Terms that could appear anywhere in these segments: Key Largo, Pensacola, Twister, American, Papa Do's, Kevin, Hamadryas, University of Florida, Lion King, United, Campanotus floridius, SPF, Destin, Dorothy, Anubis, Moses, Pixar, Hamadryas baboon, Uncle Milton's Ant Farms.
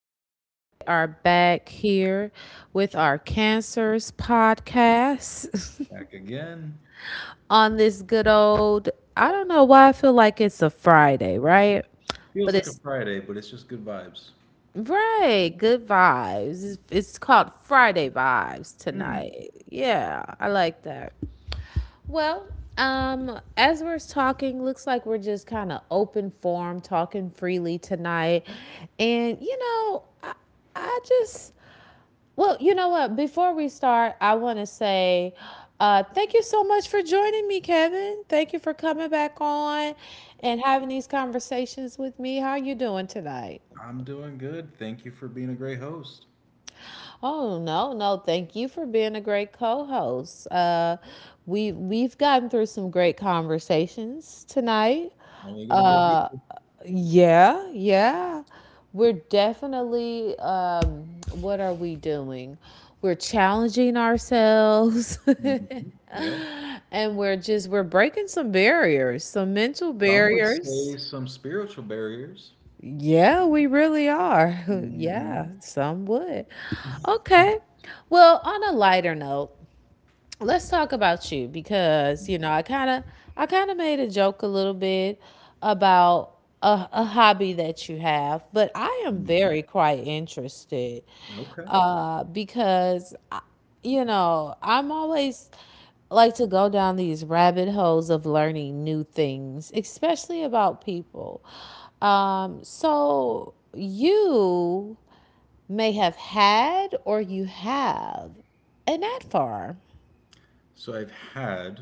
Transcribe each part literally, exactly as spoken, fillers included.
right. We are back here with our Cancers podcast Back again. on this good old. I don't know why I feel like it's a Friday, right? But Feels like a it's Friday, but it's just good vibes. right. Good vibes. It's, it's called Friday vibes Mm. tonight. Yeah, I like that. Well, um, as we're talking, looks like we're just kind of open form, talking freely tonight, and you know, I, I just Well, you know what? Before we start, I want to say uh, thank you so much for joining me, Kevin. Thank you for coming back on and having these conversations with me. How are you doing tonight? I'm doing good. Thank you for being a great host. Oh no, no! Thank you for being a great co-host. Uh, we we've gotten through some great conversations tonight. Only going to get Uh. deeper. Yeah, yeah. We're definitely, um, what are we doing? We're challenging ourselves. Mhm. Yep. And we're just, we're breaking some barriers, some mental Some would say barriers. some spiritual barriers. Yeah, we really are. Hmm. Yeah, some would. Okay. Well, on a lighter note, let's talk about you because you know i kind of i kind of made a joke a little bit about a, a hobby that you have, but I am Hmm. very quite interested Okay. uh because I- you know I'm always like to go down these rabbit holes of learning new things, especially about people. Um so you may have had or you have an ad farm. So I've had,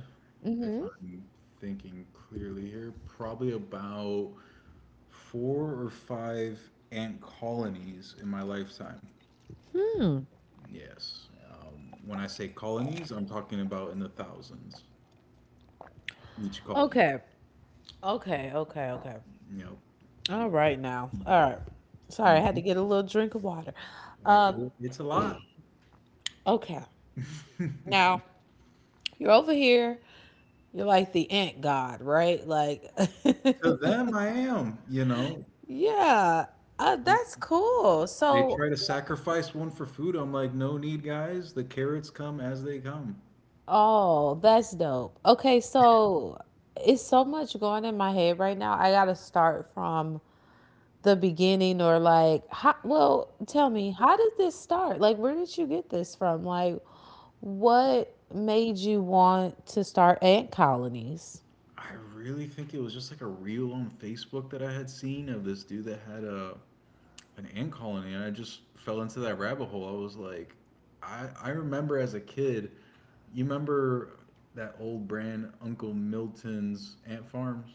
if I'm thinking clearly here, probably about four or five ant colonies in my lifetime. Yes. Um, when I say colonies, I'm talking about in the thousands. Each colony. Okay. Okay, okay, okay. You know. All right now. All right. Sorry, I had to Mhm. get a little drink of water. Um, it- it's a lot. okay. To Now, you're over here, you're like the ant god, right? Like them, I am. You know, Yeah. Uh, that's cool. They So, try to sacrifice one for food. I'm like, no need, guys. The carrots come as they come. oh, that's dope. Okay, so it's so much going in my head right now. I gotta start from the beginning, or like how, well, tell me, how did this start, like where did you get this from, like what made you want to start ant colonies? I really think it was just like a reel on Facebook that I had seen of this dude that had a an ant colony, and I just fell into that rabbit hole. I was like, I I remember as a kid, you remember that old brand Uncle Milton's Ant Farms?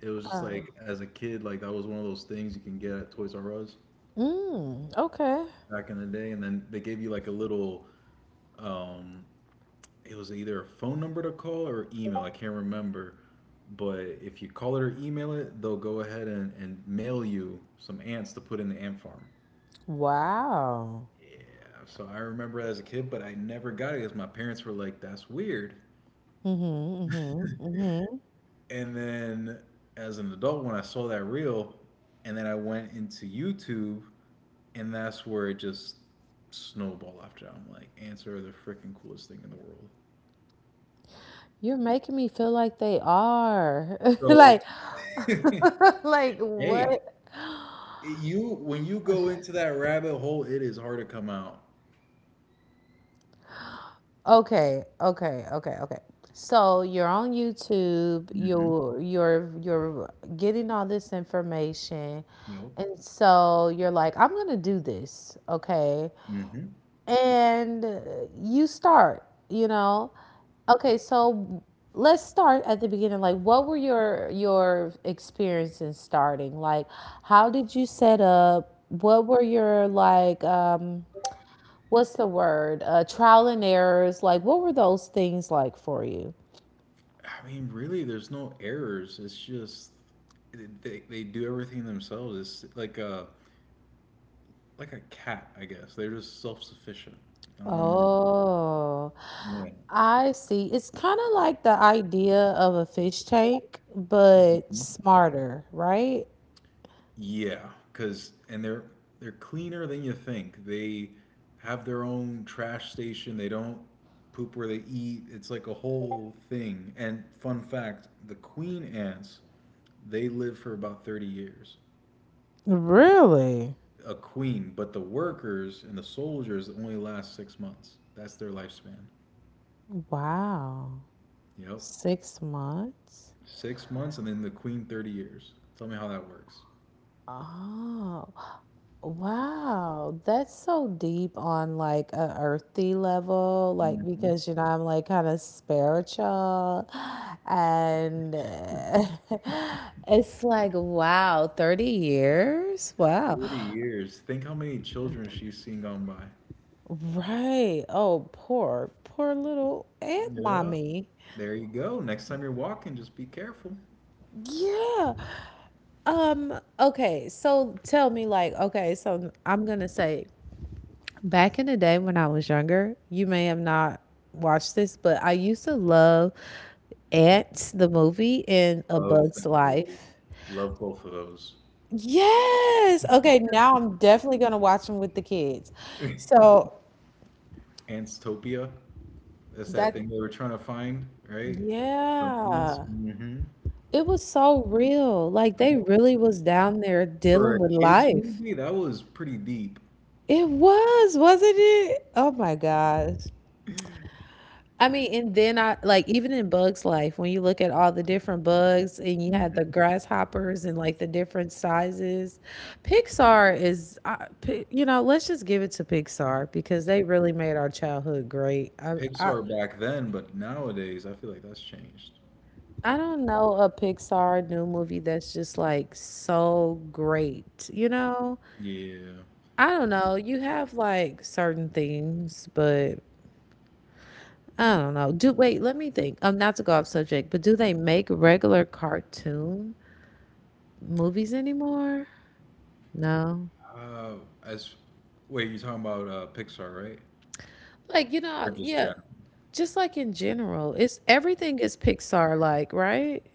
It was just like as a kid, like that was one of those things you can get at Toys R Us Mm, okay. back in the day, and then they gave you like a little, um, it was either a phone number to call or email. I can't remember, but if you call it or email it, they'll go ahead and, and mail you some ants to put in the ant farm. Wow. Yeah, so I remember that as a kid, but I never got it because my parents were like, "That's weird." Mm-hmm. Mm-hmm. Mm-hmm. And then as an adult, when I saw that reel, and then I went into YouTube and that's where it just snowball after that. I'm like, ants are the freaking coolest thing in the world. You're making me feel like they are. Like So, like hey, what? you when you go into that rabbit hole, it is hard to come out. Okay, okay, okay, okay. So you're on YouTube, Mm-hmm. you're you're you're getting all this information, You know, and so you're like, I'm gonna do this, okay? Mm-hmm. And uh, you start, you know. Okay, so let's start at the beginning. Like, what were your your experience in starting? Like, how did you set up? What were your like um what's the word? Uh, trial and errors. Like, what were those things like for you? I mean, really, there's no errors. It's just they they do everything themselves. It's like a like a cat, I guess. They're just self sufficient. I don't know. Oh, Yeah. I see. It's kind of like the idea of a fish tank, but Mm-hmm. smarter, right? Yeah, cuz and they're they're cleaner than you think. They have their own trash station. They don't poop where they eat. It's like a whole thing. And fun fact, the queen ants, they live for about thirty years. Really? A queen, but the workers and the soldiers only last six months. That's their lifespan. Wow. Yep. Six months? six months and then the queen thirty years. Tell me how that works. Oh. Wow, that's so deep on like a earthy level, like Mhm. because you know I'm like kind of spiritual, and uh, it's like wow, thirty years, wow, thirty years. Think how many children she's seen gone by. right? Oh, poor, poor little aunt Yeah. mommy. There you go. Next time you're walking, just be careful. Yeah. Um. Okay. So tell me, like, okay. So I'm gonna say. Back in the day when I was younger, you may have not watched this, but I used to love Ants, the movie, and A Love that Bug's movie. Life. Love both of those. Yes. Okay, now I'm definitely gonna watch them with the kids. So Antstopia. That's that that, thing they were trying to find, right? From ants. yeah. Hmm. It was so real. Like they really was down there For dealing a with kids life. movie, that was pretty deep. It was, wasn't it? Oh my gosh. I mean, and then I like even in Bug's Life, when you look at all the different bugs, and you had the Mhm. grasshoppers and like the different sizes, Pixar is, uh, Pi- you know, let's just give it to Pixar because they really made our childhood great. I, I, Pixar back then, but nowadays I feel like that's changed. I don't know a Pixar new movie that's just like so great, you know? Yeah. I don't know. You have like certain things, but I don't know. Do wait, let me think. Um, not to go off subject, but do they make regular cartoon movies anymore? No. Uh, as wait, you're talking about uh, Pixar, right? Like, you Or know, just yeah, general? just like in general, it's everything is Pixar like, right?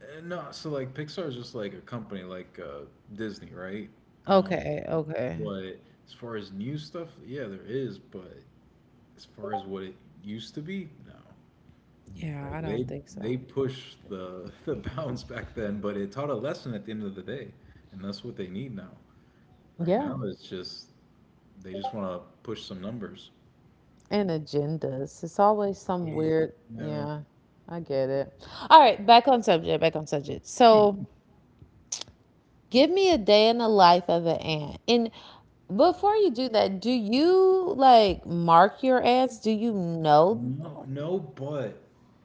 Uh, no, so like Pixar is just like a company, like uh, Disney, right? Um, Okay, okay. But as far as new stuff, yeah, there is. But as far as what it used to be, no. Yeah, I Like they don't think they so. pushed the the bounds back then, but it taught a lesson at the end of the day, and that's what they need now. Right Yeah. now, it's just they just want to push some numbers. And agendas. It's always some Yeah, weird, no. yeah, I get it. All right, back on subject, back on subject. So, give me a day in the life of an ant. And before you do that, do you like mark your ants? Do you know? No, no, but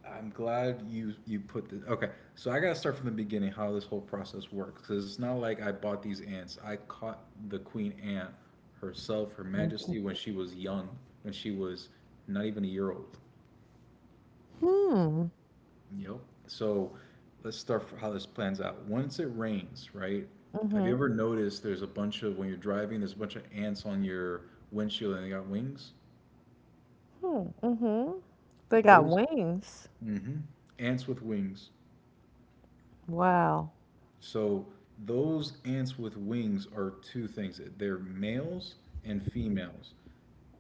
I'm glad you you put this. Okay. So I gotta start from the beginning how this whole process works because it's not like I bought these ants. I caught the queen ant herself, Her Majesty, when she was young, when she was not even a year old. Hmm. Yep. So let's start for how this plans out. Once it rains, right? Have you ever noticed there's a bunch of when you're driving, there's a bunch of ants on your windshield and they got wings? They got Those, wings. hmm Ants with wings. Wow. So those ants with wings are two things. They're males and females.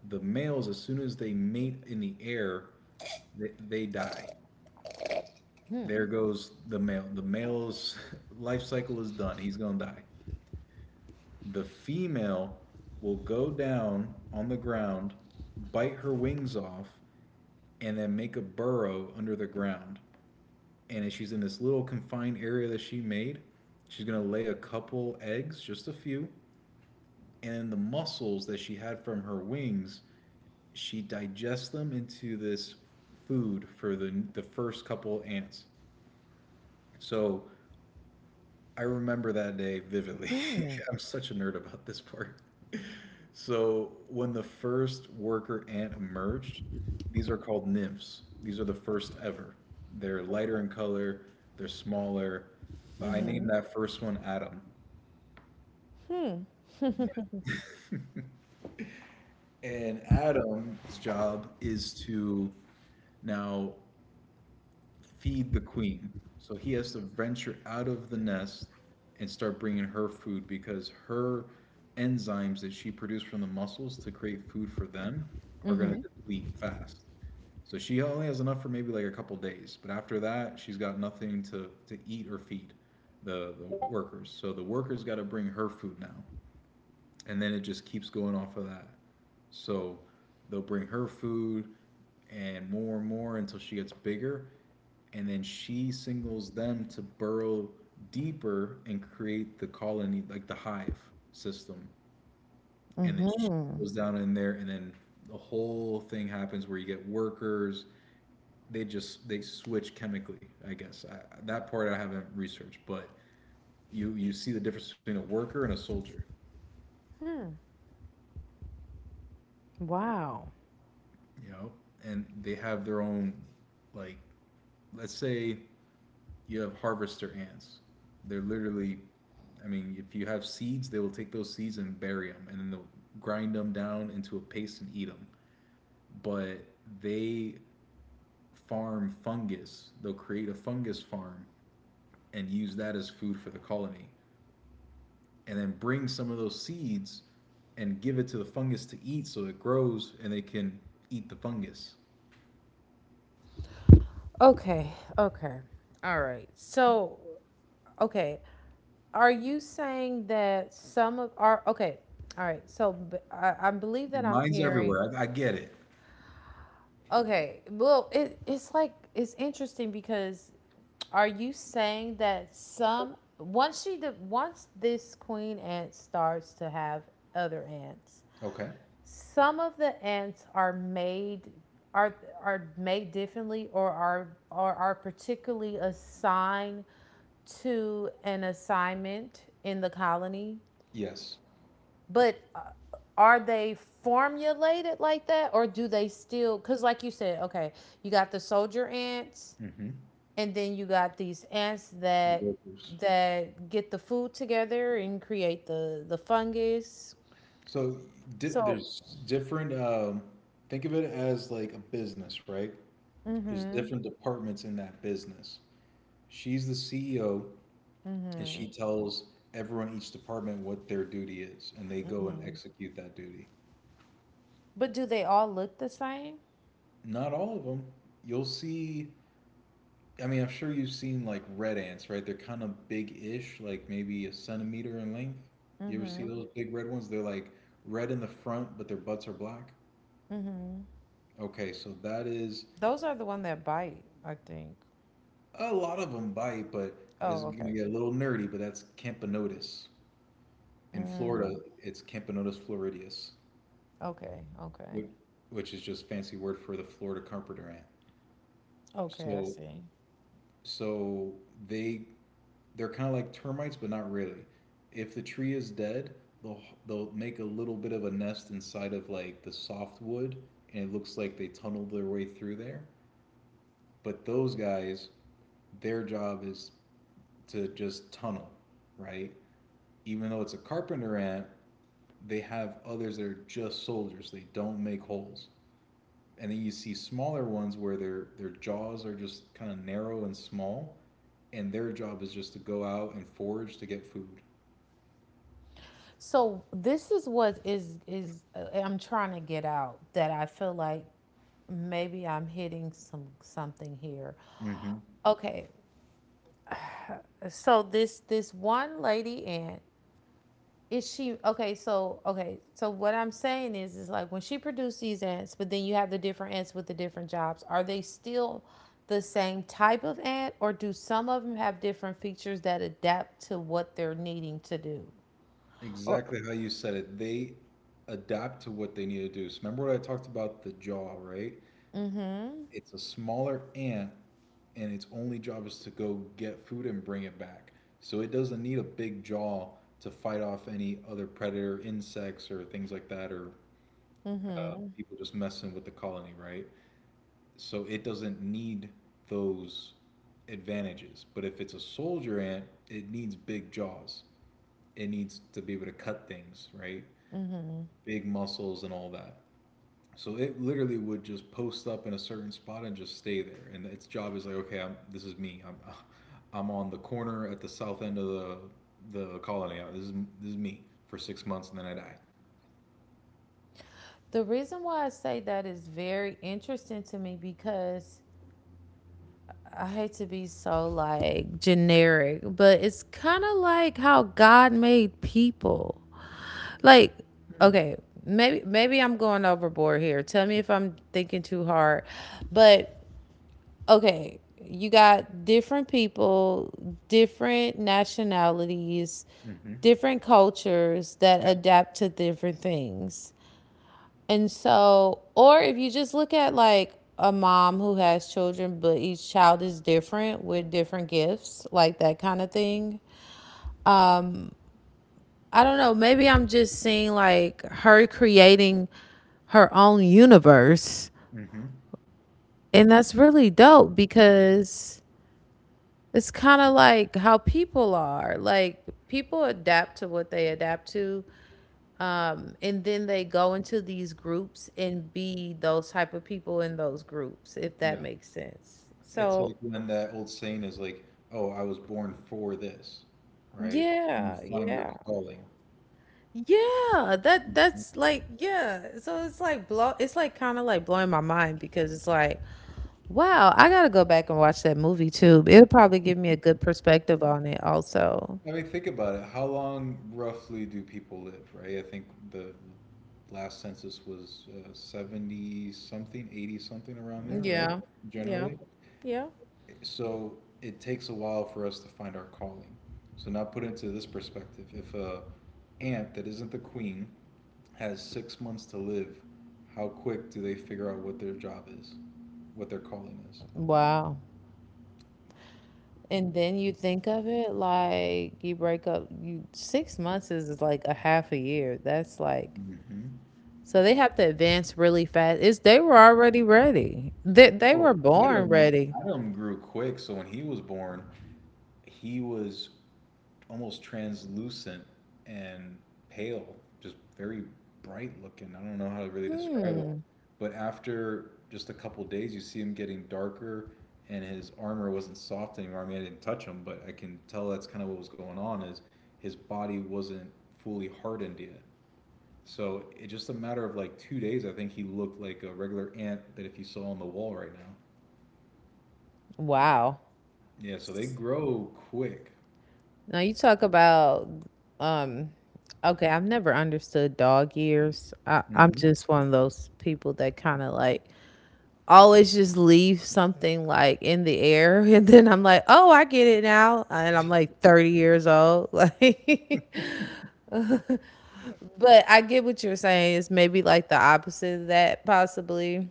The males, as soon as they mate in the air, they, they die. There goes the male. The male's life cycle is done. He's gonna die. The female will go down on the ground, bite her wings off, and then make a burrow under the ground. And she's in this little confined area that she made, she's gonna lay a couple eggs, just a few, and then the muscles that she had from her wings, she digests them into this food for the the first couple ants. So I remember that day vividly. I'm such a nerd about this part. So when the first worker ant emerged, these are called nymphs. These are the first ever. They're lighter in color, they're smaller. But I named that first one Adam. And Adam's job is to now feed the queen. So he has to venture out of the nest and start bringing her food because her enzymes that she produced from the mussels to create food for them are going to Hmm. deplete fast. So she only has enough for maybe like a couple days, but after that, she's got nothing to to eat or feed the the workers. So the workers got to bring her food now and then it just keeps going off of that. So they'll bring her food and more and more until she gets bigger, and then she singles them to burrow deeper and create the colony, like the hive system. And then she goes down in there, and then the whole thing happens where you get workers. They just they switch chemically, I guess. I, that part I haven't researched, but you you see the difference between a worker and a soldier. Wow. you know, and they have their own, like, let's say you have harvester ants. They're literally, I mean, if you have seeds, they will take those seeds and bury them, and then they'll grind them down into a paste and eat them. But they farm fungus. They'll create a fungus farm and use that as food for the colony, and then bring some of those seeds and give it to the fungus to eat so it grows and they can eat the fungus. Okay. Okay. All right. So, okay. Are you saying that some of are okay? All right. So b- I, I believe Your that I'm mind's hearing. everywhere. I, I get it. Okay. Well, it, it's like it's interesting because are you saying that some once she de- once this queen ant starts to have other ants, Okay. some of the ants are made are are made differently, or are or are particularly assigned to an assignment in the colony. Yes. But uh, are they formulated like that, or do they still, cuz like you said, okay, you got the soldier ants, Mm-hmm. and then you got these ants that Workers. that get the food together and create the the fungus. So di- So, there's different. Um, think of it as like a business, right? There's different departments in that business. She's the C E O, and she tells everyone in each department what their duty is, and they go and execute that duty. but do they all look the same? Not all of them. You'll see. I mean, I'm sure you've seen like red ants, right? They're kind of big-ish, like maybe a centimeter in length. You ever see those big red ones? They're like red in the front, but their butts are black. Okay, so that is. Those are the one that bite, I think. A lot of them bite, but it's Oh, gonna okay. get a little nerdy. But that's Campanotus. In Florida, it's Campanotus floridius, Okay. Okay. which, which is just fancy word for the Florida carpenter ant. Okay, I So, see. so they they're kind of like termites, but not really. If the tree is dead, they'll they'll make a little bit of a nest inside of like the soft wood, and it looks like they tunneled their way through there. But those guys, their job is to just tunnel, right? Even though it's a carpenter ant, they have others that are just soldiers. They don't make holes. And then you see smaller ones where their their jaws are just kind of narrow and small, and their job is just to go out and forage to get food. So this is what is is uh, I'm trying to get out, that I feel like maybe I'm hitting some something here. Mm-hmm. Okay. So this this one lady aunt is she okay, so okay so what I'm saying is is like when she produced these ants, but then you have the different ants with the different jobs, are they still the same type of ant, or do some of them have different features that adapt to what they're needing to do, or Exactly how you said it. They adapt to what they need to do. So remember what I talked about the jaw, right? It's a smaller ant and its only job is to go get food and bring it back. So it doesn't need a big jaw to fight off any other predator, insects, or things like that, or uh, people just messing with the colony, right? So it doesn't need those advantages. But if it's a soldier ant, it needs big jaws. It needs to be able to cut things, right? Big muscles and all that. So it literally would just post up in a certain spot and just stay there. And its job is like, okay, I'm, this is me. I'm, I'm on the corner at the south end of the the colony. Uh, This is this is me for six months, and then I die. the reason why I say that is very interesting to me because I hate to be so like generic, but it's kind of like how God made people. Like, okay, maybe maybe I'm going overboard here. Tell me if I'm thinking too hard. But okay, you got different people, different nationalities, Mm-hmm. different cultures that Okay. adapt to different things. And so, or if you just look at like a mom who has children, but each child is different with different gifts, like that kind of thing. I don't know. Maybe I'm just seeing like her creating her own universe. Mm-hmm. And that's really dope because it's kind of like how people are. Like people adapt to what they adapt to. Um, and then they go into these groups and be those type of people in those groups, if that Yeah. makes sense. It's So, like when that old saying is like, "Oh, I was born for this," right? You yeah, find your yeah. calling. Yeah, that that's like yeah. So it's like blow it's like kind of like blowing my mind because it's like wow, I got to go back and watch that movie too. It'll probably give me a good perspective on it also. I mean, think about it. How long roughly do people live, right? I think the last census was uh, seventy something, eighty something around there, right? Yeah. Yeah. Generally. Yeah. So it takes a while for us to find our calling. So now put into this perspective, if a ant that isn't the queen has six months to live, how quick do they figure out what their job is, what their calling is? Wow. And then you think of it like you break up you six months is is like a half a year. That's like hmm so they have to advance really fast. It's they were already ready. They they Oh, were born Adam, ready. Adam grew quick. So when he was born, he was almost translucent and pale, just very bright looking. I don't know how to really describe it, but after just a couple days, you see him getting darker, and his armor wasn't soft anymore. I mean, I didn't touch him, but I can tell that's kind of what was going on. Is his body wasn't fully hardened yet. So it's just a matter of like two days. I think he looked like a regular ant that if you saw on the wall right now. Wow. Yeah. So they grow quick. Now you talk about. Um okay, I've never understood dog ears. I, I'm just one of those people that kind of like always just leave something like in the air and then I'm like, "Oh, I get it now." And I'm like thirty years old. Like, but I get what you're saying. It's maybe like the opposite of that possibly.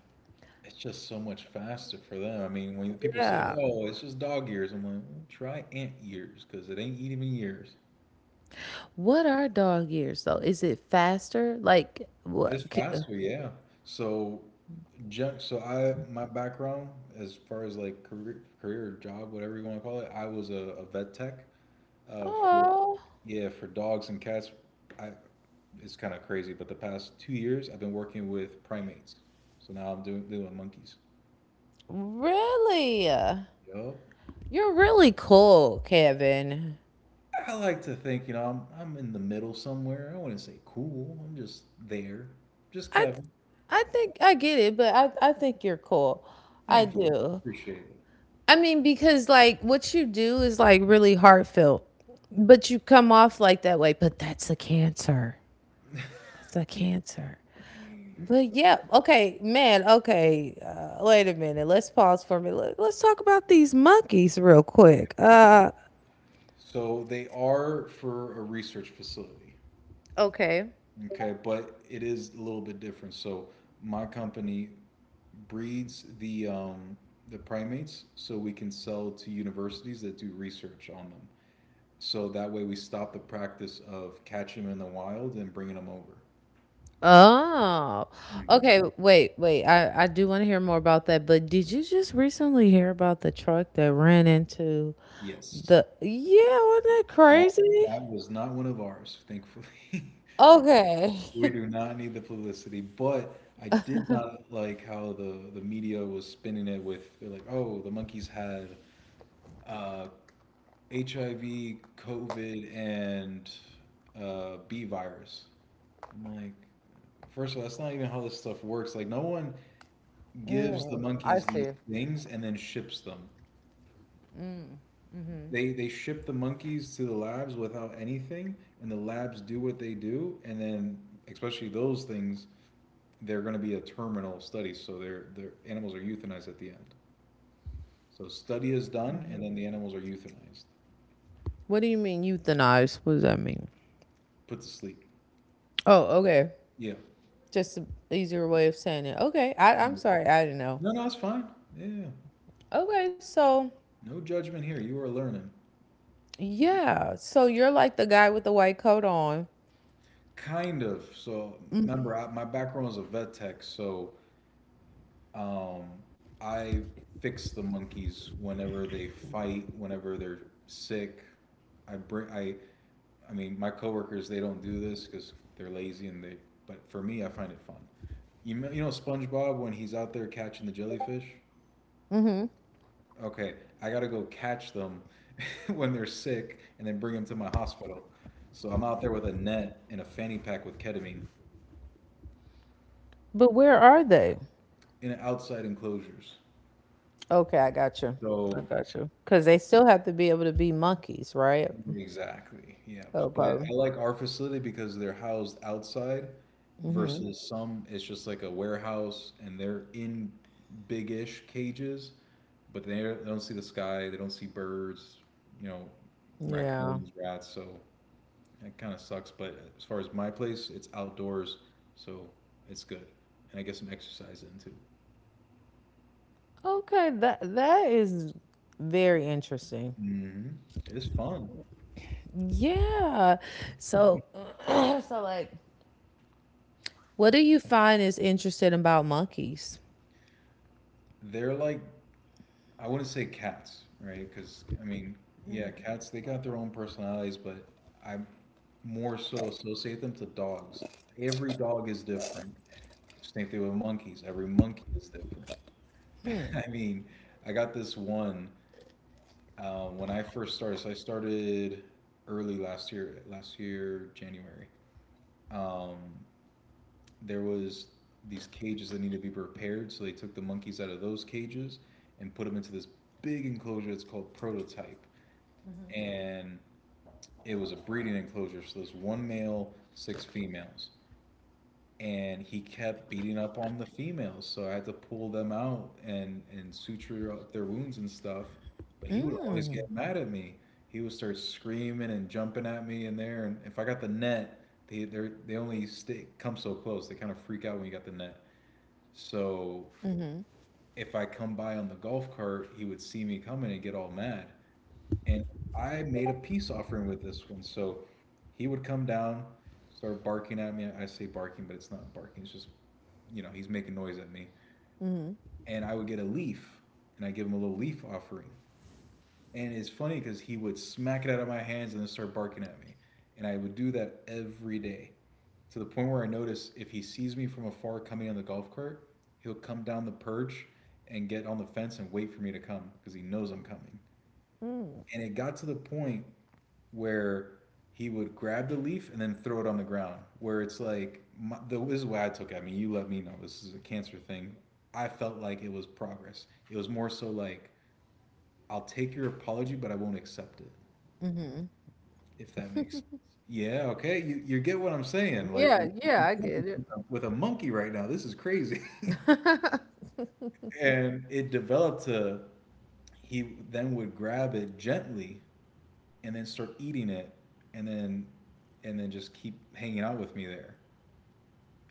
It's just so much faster for them. I mean, when people say, Yeah. "Oh, it's just dog ears," I'm like, "Well, try ant years, 'cause it ain't even ears." What are dog ears though? Is it faster? Like what? It's c- faster, yeah. So, ju- so I my background as far as like career, career, job, whatever you want to call it, I was a, a vet tech. Uh, for Oh, Yeah, for dogs and cats, I it's kind of crazy, but the past two years I've been working with primates. So now I'm doing doing monkeys. really? Yup. You're really cool, Kevin. I like to think, you know, I'm I'm in the middle somewhere. I wouldn't say cool. I'm just there. Just I th- Kevin. I think I get it, but I I think you're cool. I Thank you. do. Appreciate it. I mean, because like what you do is like really heartfelt, but you come off like that way, but that's a cancer. That's a cancer. But yeah, okay, man, okay. Uh, wait a minute. Let's pause for a minute. Let- Let's talk about these monkeys real quick. Uh So they are for a research facility. okay. Okay, but it is a little bit different. So my company breeds the um, the primates so we can sell to universities that do research on them. So that way we stop the practice of catching them in the wild and bringing them over. Oh, Hmm okay. Wait, wait. I, I do want to hear more about that. But did you just recently hear about the truck that ran into Yes. the? Yeah, wasn't that That crazy? that was not one of ours, thankfully. Okay. We do not need the publicity, but I did not like how the the media was spinning it with they're like, "Oh, the monkeys had uh, H I V, COVID, and uh, B virus." I'm like, first of all, that's not even how this stuff works. Like, no one gives the I monkeys these see. things and then ships them. They they ship the monkeys to the labs without anything, and the labs do what they do, and then especially those things, they're going to be a terminal study, so their their animals are euthanized at the end. So study is done, and then the animals are euthanized, What do you mean euthanize? What does that mean? put to sleep. Oh, okay. Yeah. Just an easier way of saying it. Okay. I, I'm sorry. I didn't know. No, no, it's fine. Yeah, yeah, yeah. Okay. So, No judgment here. You are learning, yeah. So you're like the guy with the white coat on. kind of. So remember, I, my background is a vet tech, so Um, I fix the monkeys whenever they fight, whenever they're sick. I bring I, I mean, my coworkers they don't do this because they're lazy and they. But for me, I find it fun. You know, you know SpongeBob when he's out there catching the jellyfish. Okay, I gotta go catch them when they're sick and then bring them to my hospital. So I'm out there with a net and a fanny pack with ketamine But where are they? in outside enclosures. Okay, I got you. I So got you. Because they still have to be able to be monkeys, right? exactly. Yep. But Okay. I like our facility because they're housed outside versus some it's just like a warehouse and they're in big-ish cages, but they they don't see the sky, they don't see birds, you know, Yeah. raccoons, rats, so it kind of sucks, but as far as my place, it's outdoors, so it's good. And I get some exercise in too. Okay. That that is very interesting. Hmm It's fun. Yeah. So, so like, what do you find is interesting about monkeys? They're like I wouldn't say cats, right? Because I mean, yeah, cats they got their own personalities, but I more so associate them to dogs. Every dog is different. Same thing with monkeys. Every monkey is different. I mean, I got this one uh, when I first started. So I started early last year, last year January. Um, there was these cages that needed to be repaired, so they took the monkeys out of those cages and put them into this big enclosure. It's called Prototype, and it was a breeding enclosure. So there's one male, six females, and he kept beating up on the females. So I had to pull them out and and suture up their wounds and stuff. But he would always get mad at me. He would start screaming and jumping at me in there. And if I got the net, they they they only stay, come so close. They kind of freak out when you got the net. So if I come by on the golf cart, he would see me coming and get all mad and I made a peace offering with this one. So he would come down, start barking at me. I say barking, but it's not barking. It's just, you know, he's making noise at me. And I would get a leaf, and I give him a little leaf offering. And it's funny because he would smack it out of my hands and then start barking at me. And I would do that every day to the point where I notice if he sees me from afar coming on the golf cart, he'll come down the perch and get on the fence and wait for me to come because he knows I'm coming. And it got to the point where he would grab the leaf and then throw it on the ground. Where it's like, my, the, this is why I took it. I mean, you let me know this is a cancer thing. I felt like it was progress. It was more so like, I'll take your apology, but I won't accept it, if that makes sense. Yeah, okay. You, you get what I'm saying. Like, Yeah. we're Yeah, I with get it. a, with a monkey right now. This is crazy. And it developed to, he then would grab it gently and then start eating it and then, and then just keep hanging out with me there.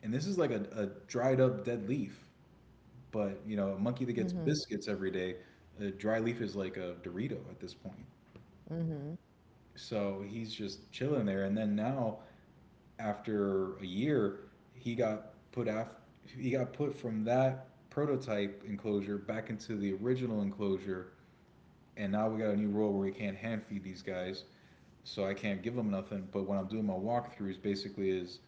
And this is like a, a dried up dead leaf. But, you know, a monkey that gets biscuits every day, a dry leaf is like a Dorito at this point. So he's just chilling there. And then now, after a year, he got put af- he got put from that prototype enclosure back into the original enclosure. And now we got a new rule where we can't hand feed these guys. So I can't give them nothing. But when I'm doing my walkthroughs, basically is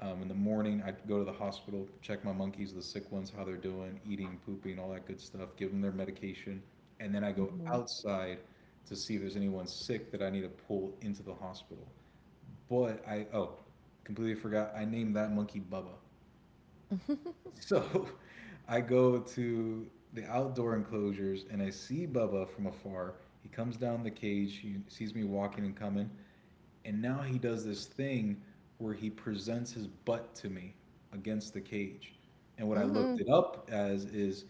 um, in the morning I go to the hospital, check my monkeys, the sick ones, how they're doing, eating, pooping, all that good stuff, give them their medication, and then I go outside to see if there's anyone sick that I need to pull into the hospital. But I oh, Completely forgot I named that monkey Bubba. So I go to the outdoor enclosures and I see Bubba from afar. He comes down the cage. He sees me walking and coming. And now he does this thing where he presents his butt to me against the cage. And what I Mm-hmm. looked it up as is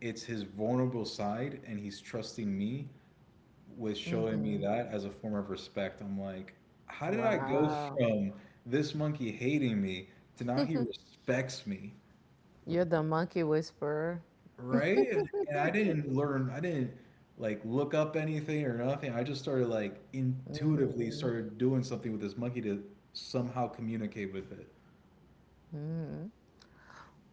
it's his vulnerable side, and he's trusting me with showing me Mm-hmm. that as a form of respect. I'm like, how did I go Wow. from this monkey hating me to now he respects me, You're the monkey whisperer. right? And and I didn't learn, I didn't like look up anything or nothing. I just started like intuitively started doing something with this monkey to somehow communicate with it.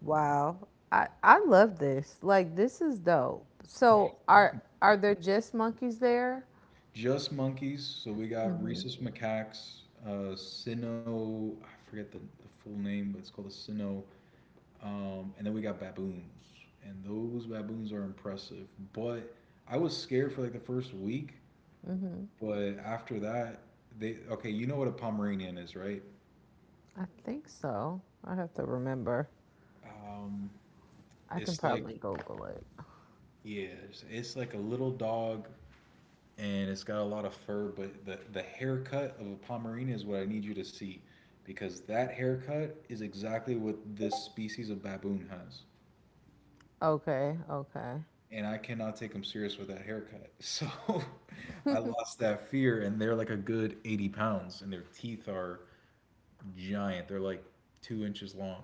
Wow. I I love this. Like this is dope. So are are there just monkeys there? Just monkeys. So we got rhesus macaques, uh, Sino, I forget the, the full name, but it's called a Sino. Um, and then we got baboons. And those baboons are impressive. But I was scared for like the first week. But after that, they, okay, you know what a Pomeranian is, right? I think so. I have to remember. Um, I can it's like, probably Google it. yeah, it's, it's like a little dog and it's got a lot of fur, but the, the haircut of a Pomeranian is what I need you to see because that haircut is exactly what this species of baboon has. Okay, okay. And I cannot take them serious with that haircut. So I lost that fear, and they're like a good eighty pounds, and their teeth are giant. They're like two inches long.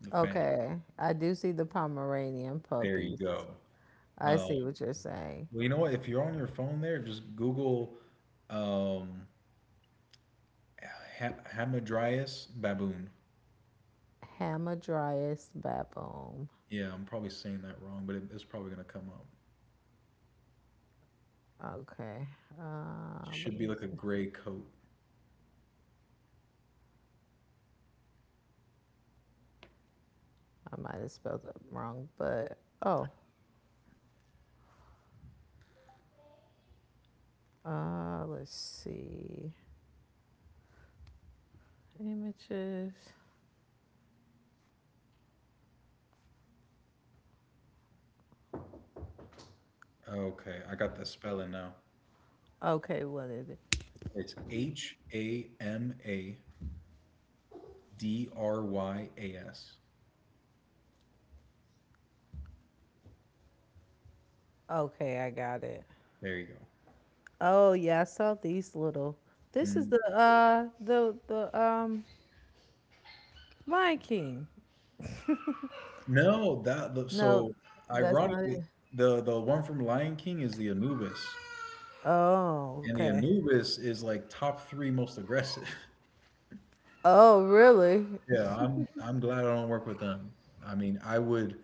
The fan. Okay. I do see the Pomeranian There you puppies. go. I Uh, see what you're saying. well, you know what? If you're on your phone there, just Google um, ha- Hamadryas baboon. Hamadryas baboon. Yeah, I'm probably saying that wrong, but it, it's probably gonna come up. Okay. Uh, Should let be me like a see. gray coat. I might have spelled it wrong, but oh, uh, let's see. Images. Okay, I got the spelling now. Okay, what is it? It's H A M A D R Y A S. Okay, I got it. There you go. Oh yeah, I saw these little. This is Mm. the uh the the um Lion King. No, that the, No, so that's not it. ironically, the the one from Lion King is the Anubis, Oh, and the okay. Anubis is like top three most aggressive. Oh, really? Yeah, I'm I'm glad I don't work with them. I mean, I would.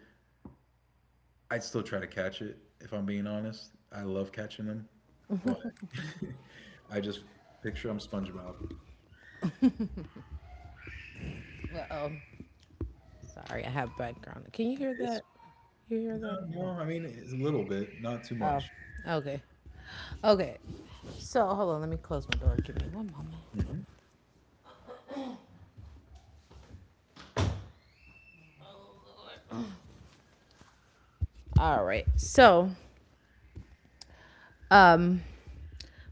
I'd still try to catch it if I'm being honest. I love catching them, but I just picture I'm SpongeBob. Oh, sorry, I have background. Can you hear It's that? You hear that? no, no. No. I mean, it's a little bit, not too Oh, much. okay. Okay. So hold on, let me close my door. Give me one moment. Mhm. All right. So, um,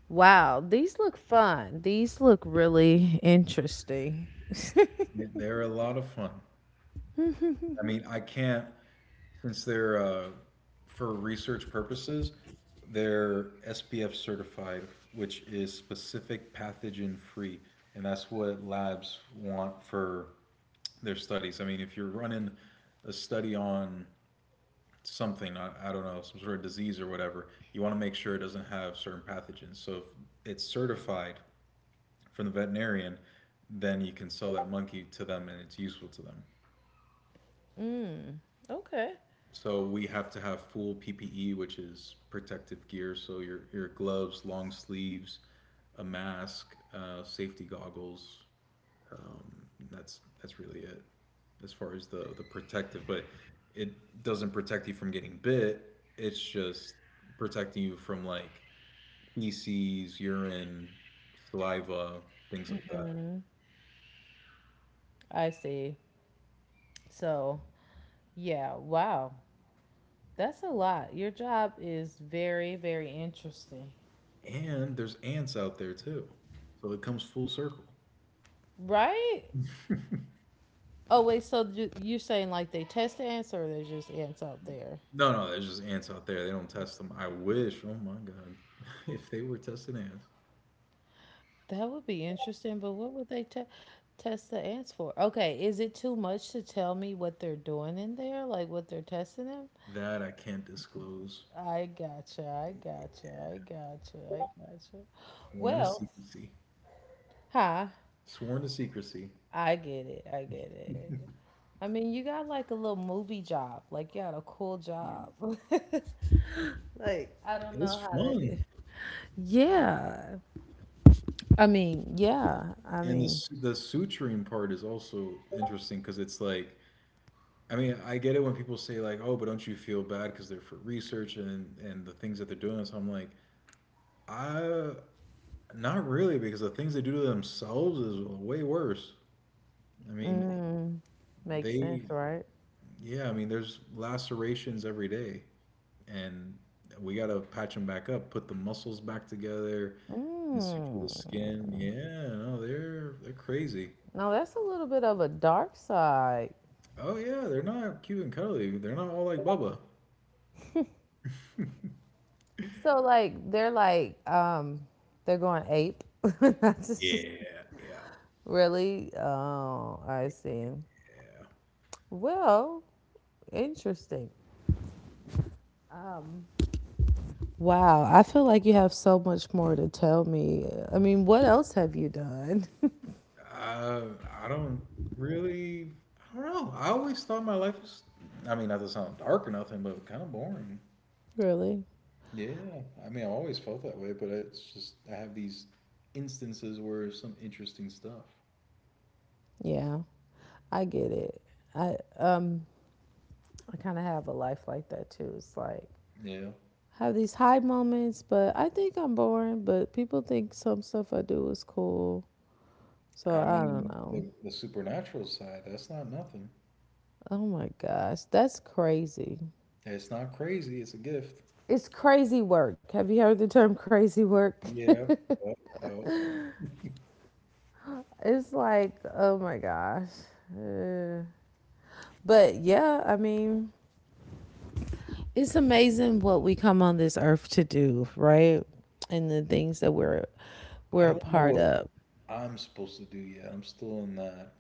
wow, these look fun. These look really interesting. They are a lot of fun. I mean, I can't since they're uh, for research purposes. They're S P F certified, which is specific pathogen free, and that's what labs want for their studies. I mean, if you're running a study on something, I, I don't know, some sort of disease or whatever. You want to make sure it doesn't have certain pathogens, so if it's certified from the veterinarian, then you can sell that monkey to them and it's useful to them. Okay. So we have to have full ppe, which is protective gear, so your, your gloves, long sleeves, a mask, uh, safety goggles. That's that's really it as far as the the protective, but it doesn't protect you from getting bit. It's just protecting you from like feces, urine, saliva, things like that. I see. So, yeah, wow. That's a lot. Your job is very, very interesting, And there's ants out there too. So it comes full circle. right? Oh, wait, so you- you're saying like they test the answer or there's just ants out there? No, no, there's just ants out there. They don't test them. I wish, oh my God, if they were testing ants, That would be interesting, but what would they te- test the ants for? Okay, is it too much to tell me what they're doing in there? Like what they're testing them? that I can't disclose. I gotcha, I gotcha, I gotcha, I gotcha. Sworn to Well, secrecy. huh? Sworn to secrecy. I get it, I get it. I mean, you got like a little movie job. Like you got a cool job. like I don't It's know how to. fun. Yeah. I mean, yeah. I And the, mean, su- The suturing part is also interesting because it's like, I mean, I get it when people say like, "Oh, but don't you feel bad because they're for research and and the things that they're doing?" So I'm like, I not really, because the things they do to themselves is way worse. I mean, Makes they sense, right? yeah, I mean there's lacerations every day and we got to patch them back up, put the muscles back together, and suture Mm. the skin. Yeah, no, they're they're crazy. Now that's a little bit of a dark side. Oh yeah, they're not cute and cuddly. They're not all like Bubba. So like they're like um they're going ape. That's just- Yeah, yeah, really? Oh, I see. yeah. Well, interesting. Wow, I feel like you have so much more to tell me. I mean, what else have you done? Uh, I don't really. I don't know. I always thought my life was. I mean, not to sound dark or nothing, but kind of boring. Really? Yeah, I mean, I always felt that way, but it's just I have these instances where some interesting stuff. Yeah. I get it. I um I kind of have a life like that too. It's like Yeah, I have these high moments, but I think I'm boring, but people think some stuff I do is cool. So I I don't mean, know. the the supernatural side, that's not nothing. Oh my gosh, that's crazy. It's not crazy. It's a gift. It's crazy work. Have you heard the term crazy work? Yeah, yep, yep. It's like, oh my gosh. Uh, but yeah, I mean, it's amazing what we come on this earth to do, right? And the things that we're I we're a don't know part what of. I'm supposed to do yet. I'm still in that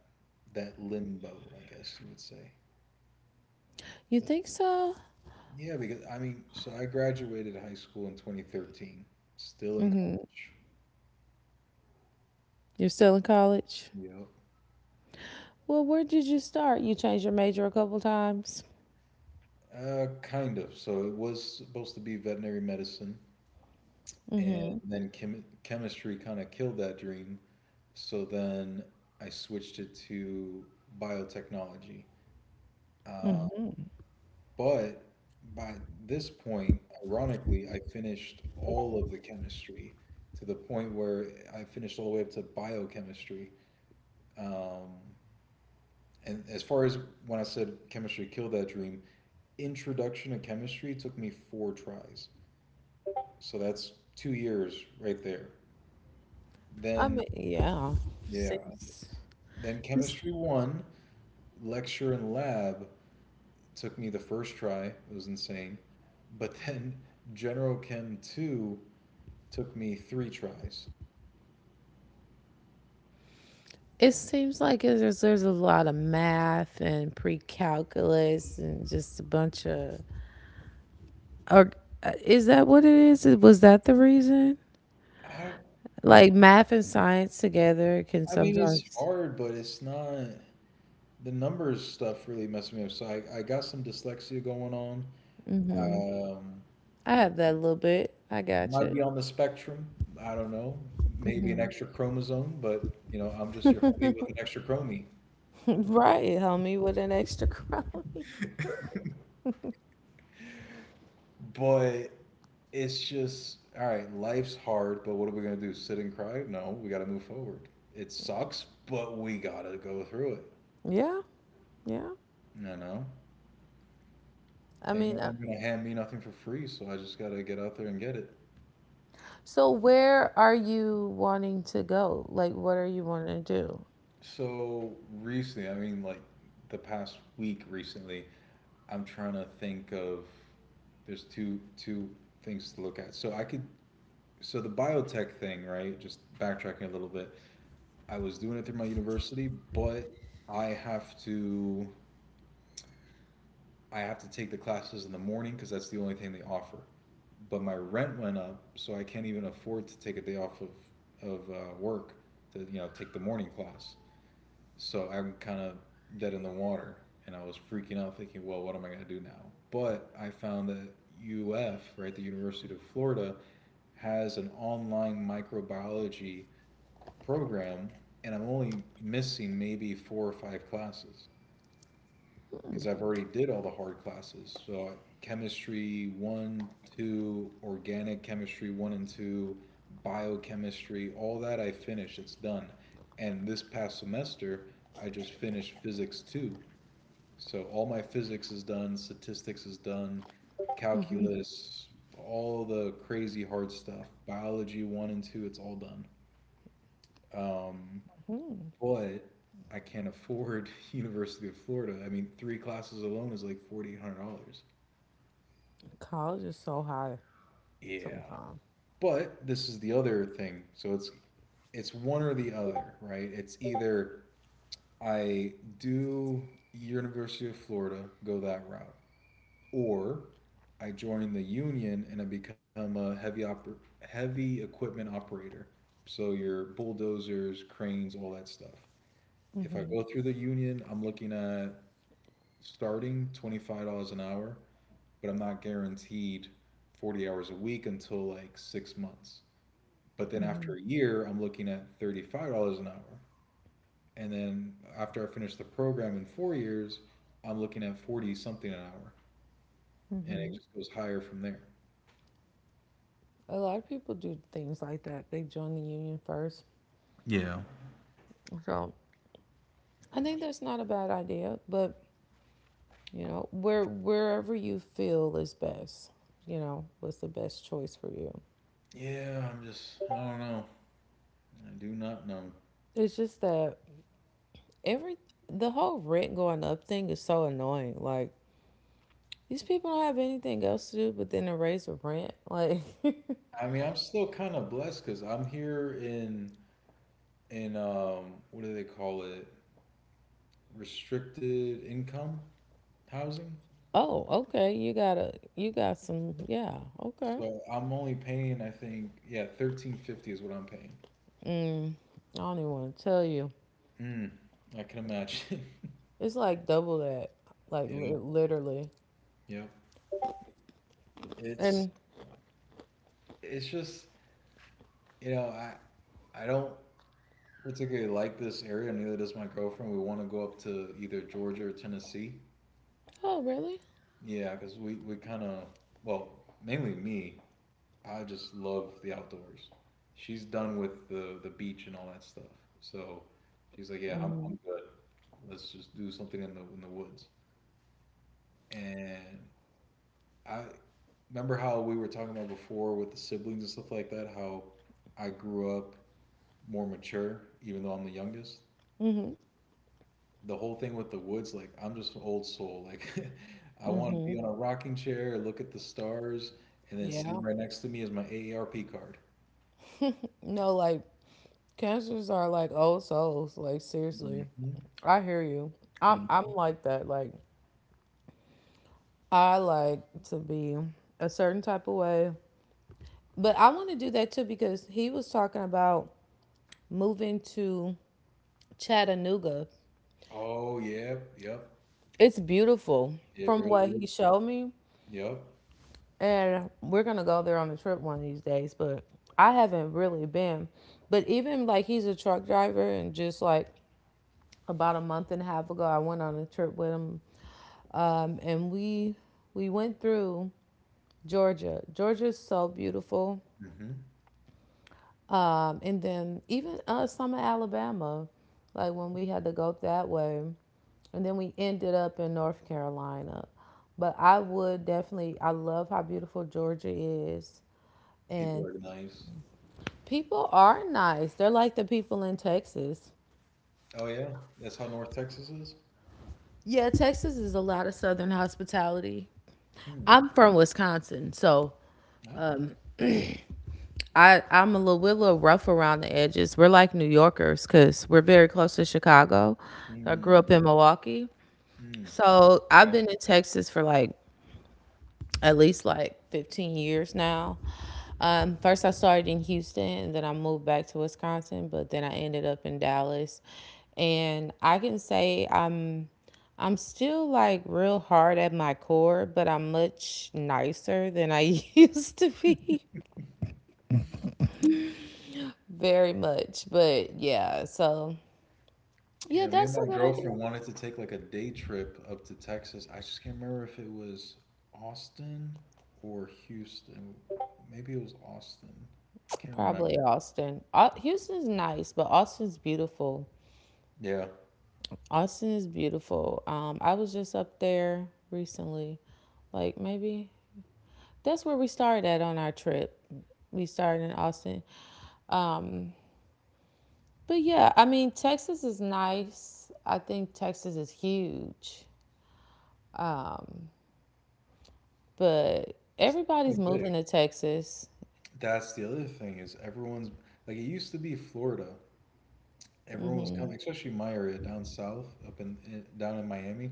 that limbo, I guess you would say. You think so? Yeah, because I mean, so I graduated high school in twenty thirteen, still in college. You're still in college? Yep. Well, where did you start? You changed your major a couple times. Uh, kind of. So it was supposed to be veterinary medicine, and then chem- chemistry kind of killed that dream. So then I switched it to biotechnology. Uh, but by this point, ironically, I finished all of the chemistry to the point where I finished all the way up to biochemistry. Um, and as far as when I said chemistry killed that dream, introduction to chemistry took me four tries. So that's two years right there. I Then, mean, yeah. yeah, Seems then it's- chemistry one, lecture and lab took me the first try. It was insane. But then general chem two took me three tries. it seems like there's there's a lot of math and pre-calculus and just a bunch of or uh, is that what it is? Was that the reason? I, Like math and science together can I mean, it's sometimes hard, but it's not. The numbers stuff really messed me up. So I, I got some dyslexia going on. Um, I have that little bit. I got might be you. on the spectrum. I don't know. Maybe an extra chromosome, but you know, I'm just your homie with an extra chromie. Right, homie, with an extra crony. But it's just all right. Life's hard, but what are we gonna do? Sit and cry? No, we gotta move forward. It sucks, but we gotta go through it. Yeah, yeah. You know, I ain't no mean, uh, one gonna hand me nothing for free, so I just gotta get out there and get it. so where are you wanting to go? Like, what are you wanting to do? So recently, I mean, like the past week, recently, I'm trying to think of. There's two two things to look at. So I could so the biotech thing, right? Just backtracking a little bit. I was doing it through my university, but I have to I have to take the classes in the morning because that's the only thing they offer. But my rent went up, so I can't even afford to take a day off of of uh, work to you know take the morning class, so I'm kind of dead in the water, and I was freaking out, thinking, well, what am I going to do now? But I found that U F, right, the University of Florida, has an online microbiology program, and I'm only missing maybe four or five classes because I've already did all the hard classes. So chemistry one, two, organic chemistry one and two, biochemistry, all that I finished. It's done. And this past semester, I just finished physics two. So all my physics is done, statistics is done, calculus, all the crazy hard stuff, biology one and two, it's all done. Um, but I can't afford University of Florida. I mean, three classes alone is like forty eight hundred dollars. College is so high Yeah. sometimes. But this is the other thing. So it's it's one or the other, right? It's either I do University of Florida, go that route, or I join the union and I become a heavy oper- heavy equipment operator. So your bulldozers, cranes, all that stuff. If I go through the union, I'm looking at starting twenty five dollars an hour, but I'm not guaranteed forty hours a week until like six months. But then after a year, I'm looking at thirty five dollars an hour, and then after I finish the program in four years, I'm looking at forty something an hour, and it just goes higher from there. A lot of people do things like that. They join the union first. Yeah. So I think that's not a bad idea, but you know, where wherever you feel is best, you know, what's the best choice for you. Yeah, I'm just, I don't know. I do not know. It's just that Every The whole rent going up thing is so annoying. Like these people don't have anything else to do but then to raise the rent. Like, I mean, I'm still kind of blessed because I'm here in in um, what do they call it? Restricted income. Housing? oh, okay, you gotta, you got some, yeah, okay. So I'm only paying, I think, yeah, thirteen fifty is what I'm paying. I don't even want to tell you. Mm, I can imagine. It's like double that, like Yeah, li- literally. yeah. It's And it's just, you know, I I don't particularly like this area, neither does my girlfriend. We want to go up to either Georgia or Tennessee. oh, really? Yeah, because we we kind of, well, mainly me. I just love the outdoors. She's done with the the beach and all that stuff. So she's like, yeah, I'm I'm good. Let's just do something in the in the woods. And I remember how we were talking about before with the siblings and stuff like that. How I grew up more mature, even though I'm the youngest. The whole thing with the woods, like I'm just an old soul. Like I want to be on a rocking chair, look at the stars, and then sitting Yeah. right next to me is my A A R P card. No, like cancers are like old souls. Like seriously, Hmm. I hear you. I'm I'm Hmm. like that. Like I like to be a certain type of way. But I want to do that too because he was talking about moving to Chattanooga. Oh, yep, yep. It's beautiful It from what really he is. showed me. Yep. And we're going to go there on a trip one of these days. But I haven't really been. But even like he's a truck driver, and just like about a month and a half ago, I went on a trip with him. Um, and we we went through Georgia. Georgia's so beautiful. Hmm. Um, and then even uh, summer Alabama, like when we had to go that way, and then we ended up in North Carolina. But I would definitely, I love how beautiful Georgia is, People and are nice. people are nice. They're like the people in Texas. Oh, yeah. That's how North Texas is? Yeah, Texas is a lot of Southern hospitality. Hmm. I'm from Wisconsin, so Ah. I I'm a little, we're a little rough around the edges. We're like New Yorkers because we're very close to Chicago. I grew up Hmm. in Milwaukee, Mm. so I've Right. been in Texas for like at least like fifteen years now. Um, first, I started in Houston, and then I moved back to Wisconsin, but then I ended up in Dallas. And I can say I'm I'm still like real hard at my core, but I'm much nicer than I used to be. Very much. But yeah, so yeah, Yeah, me and that's a my good idea. girlfriend wanted to take like a day trip up to Texas. I just can't remember if it was Austin or Houston. Maybe it was Austin. I can't remember. Probably Austin. Au- Houston's nice, but Austin's beautiful. Yeah. Austin is beautiful. Um, I was just up there recently. Like maybe that's where we started at on our trip. We started in Austin. Um, but yeah, I mean Texas is nice. I think Texas is huge, but It's everybody's definitely moving big. to Texas. That's the other thing is everyone's like it used to be Florida. Everyone was coming, especially my area down south, up in, in down in Miami.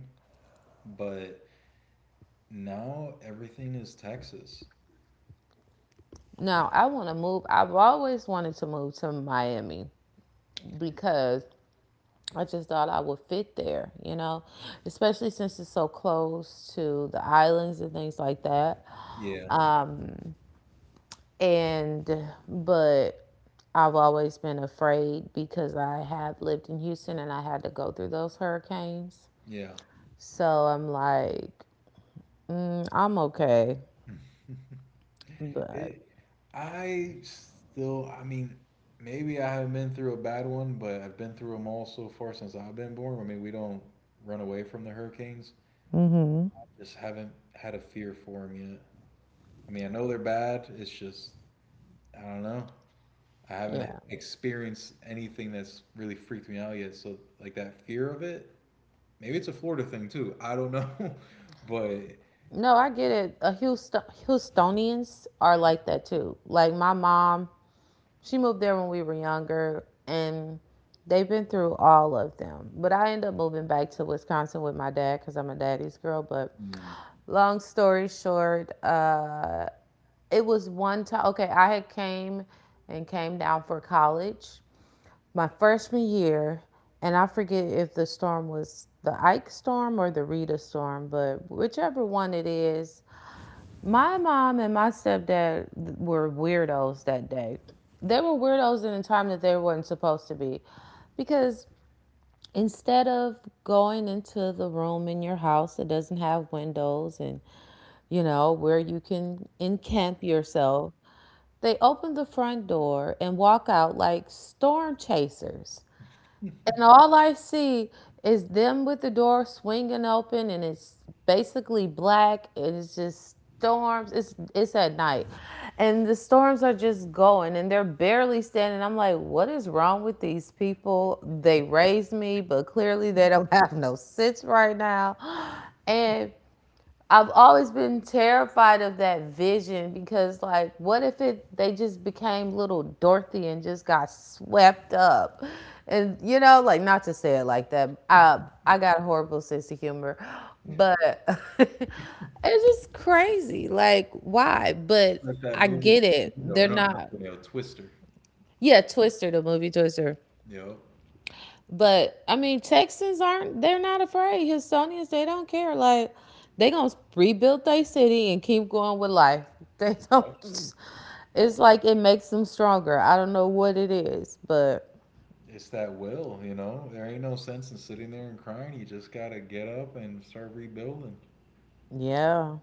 But now everything is Texas. Now, I want to move. I've always wanted to move to Miami because I just thought I would fit there, you know, especially since it's so close to the islands and things like that. Yeah. Um, and but I've always been afraid because I have lived in Houston and I had to go through those hurricanes. Yeah. So I'm like, mm, I'm okay, but It, I still, I mean, maybe I haven't been through a bad one, but I've been through them all so far since I've been born. I mean, we don't run away from the hurricanes. Just haven't had a fear for them yet. I mean, I know they're bad. It's just, I don't know. I haven't yeah. experienced anything that's really freaked me out yet. So, like that fear of it, maybe it's a Florida thing too. I don't know. But No, I get it. Uh, Houston, Houstonians are like that too. Like my mom, she moved there when we were younger, and they've been through all of them. But I ended up moving back to Wisconsin with my dad because I'm a daddy's girl. But mm, long story short, uh, it was one time. Okay, I had came and came down for college my freshman year, and I forget if the storm was the Ike storm or the Rita storm, but whichever one it is, my mom and my stepdad were weirdos that day. They were weirdos in a time that they weren't supposed to be. Because instead of going into the room in your house that doesn't have windows and, you know, where you can encamp yourself, they open the front door and walk out like storm chasers. And all I see is them with the door swinging open, and it's basically black, and it's just storms. It's it's at night, and the storms are just going, and they're barely standing. I'm like, what is wrong with these people? They raised me, but clearly they don't have no sense right now. And I've always been terrified of that vision because like what if it they just became little Dorothy and just got swept up. And you know, like not to say it like that. I I got a horrible sense of humor, it's but it's just crazy. Like why? But like that I movie, get it. Tornado. They're No, not not Tornado, Twister. Yeah, Twister, the movie Twister. You know. But I mean, Texans aren't. They're not afraid. Houstonians, they don't care. Like they gonna rebuild their city and keep going with life. They don't. It's like it makes them stronger. I don't know what it is, but It's that will, you know. There ain't no sense in sitting there and crying. You just gotta get up and start rebuilding, yeah,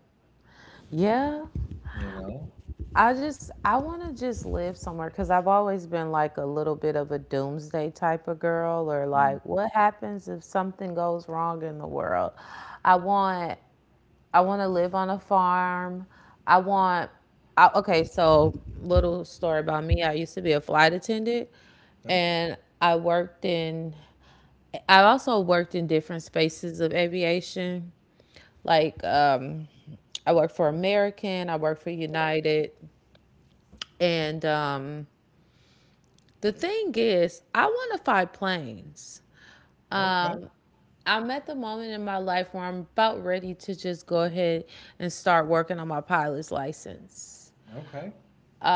yeah. you know. I just I want to just live somewhere because I've always been like a little bit of a doomsday type of girl, or Mm. like what happens if something goes wrong in the world. I want I want to live on a farm. I want, I, okay, so little story about me. I used to be a flight attendant Oh, and I worked in, I also worked in different spaces of aviation. Like, um, I worked for American, I worked for United. And um, the thing is, I want to fly planes. okay, Um, I'm at the moment in my life where I'm about ready to just go ahead and start working on my pilot's license. okay.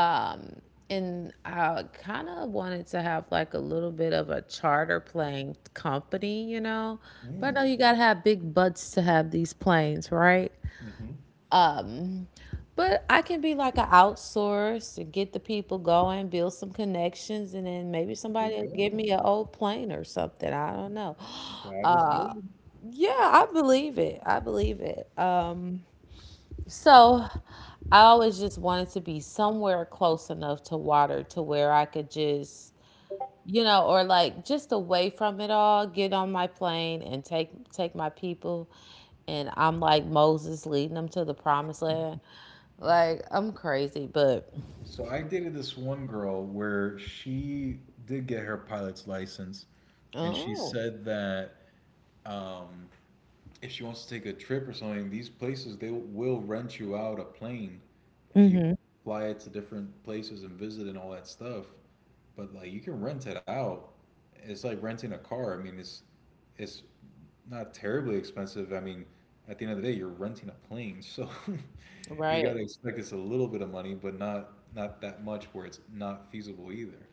Um, and I kind of wanted to have like a little bit of a charter plane company, you know. But I know Mm. you gotta have big butts to have these planes, right? Hmm. Um, but I can be like an outsource and get the people going, build some connections, and then maybe There somebody you will give go. me an old plane or something. I don't know. God is good. Yeah, I believe it. I believe it. Um, so I always just wanted to be somewhere close enough to water to where I could just you know, or like just away from it all, get on my plane and take take my people and I'm like Moses leading them to the promised land. Like I'm crazy, but So I dated this one girl where she did get her pilot's license, and she oh, said that um, if she wants to take a trip or something, these places they will rent you out a plane, and you mm fly it to different places and visit and all that stuff. But like you can rent it out. It's like renting a car. I mean, it's it's not terribly expensive. I mean, at the end of the day, you're renting a plane, so hmm you right. gotta expect it's a little bit of money, but not not that much where it's not feasible either.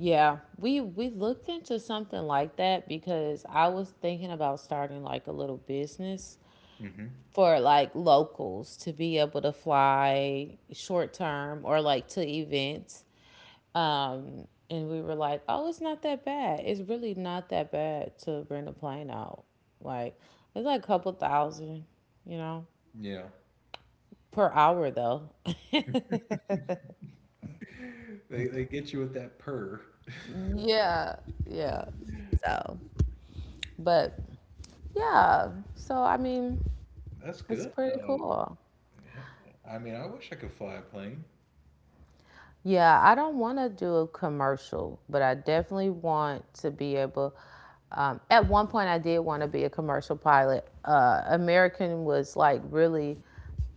Yeah, we we looked into something like that because I was thinking about starting like a little business Hmm. for like locals to be able to fly short term or like to events. Um, and we were like, oh, it's not that bad. It's really not that bad to bring a plane out. Like, it's like a couple thousand, you know, Yeah, per hour though. they they get you with that purr. Yeah, yeah. So, but yeah. So, I mean, That's It's good pretty though. cool. I mean, I wish I could fly a plane. Yeah, I don't want to do a commercial, but I definitely want to be able. Um, at one point, I did want to be a commercial pilot. Uh, American was like really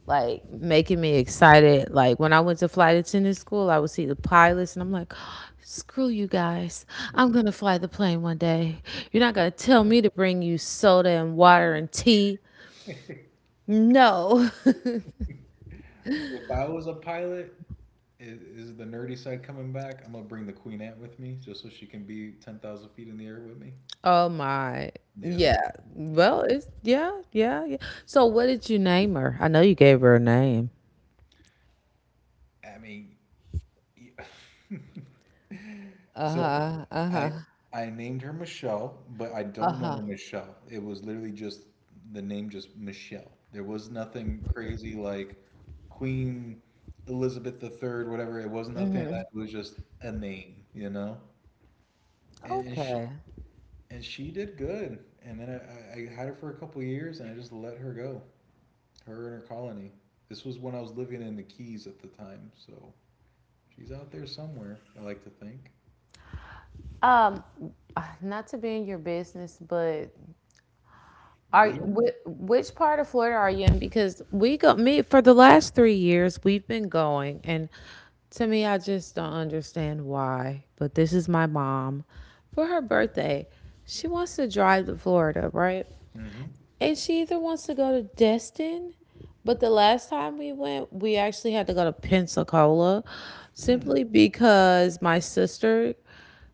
like making me excited. Like when I went to flight attendant school, I would see the pilots, and I'm like, "Screw you guys! I'm gonna fly the plane one day. You're not gonna tell me to bring you soda and water and tea. No." If I was a pilot, i- is the nerdy side coming back? I'm gonna bring the Queen Ant with me just so she can be ten thousand feet in the air with me. Oh my. Yeah. Yo, Well, yo. it's yeah, yeah, yeah. So what did you name her? I know you gave her a name. I mean, y- so I I named her Michelle, but I don't know Uh-huh. Michelle. It was literally just the name, just Michelle. There was nothing crazy like Queen Elizabeth the Third, whatever. It was nothing. It was just a name, you know. and, and she Okay. and she did good. And then I, I, had her for a couple of years, and I just let her go, her and her colony. This was when I was living in the Keys at the time, so she's out there somewhere. I like to think. Um uh, Not to be in your business, but are Being whi- which part of Florida are you in? Because we go me for the last three years we've been going, and to me I just don't understand why, but this is my mom for her birthday. She wants to drive to Florida, right? it. Mm-hmm. And she either wants to go to Destin, but the last time we went, we actually had to go to Pensacola Mm. simply because my sister,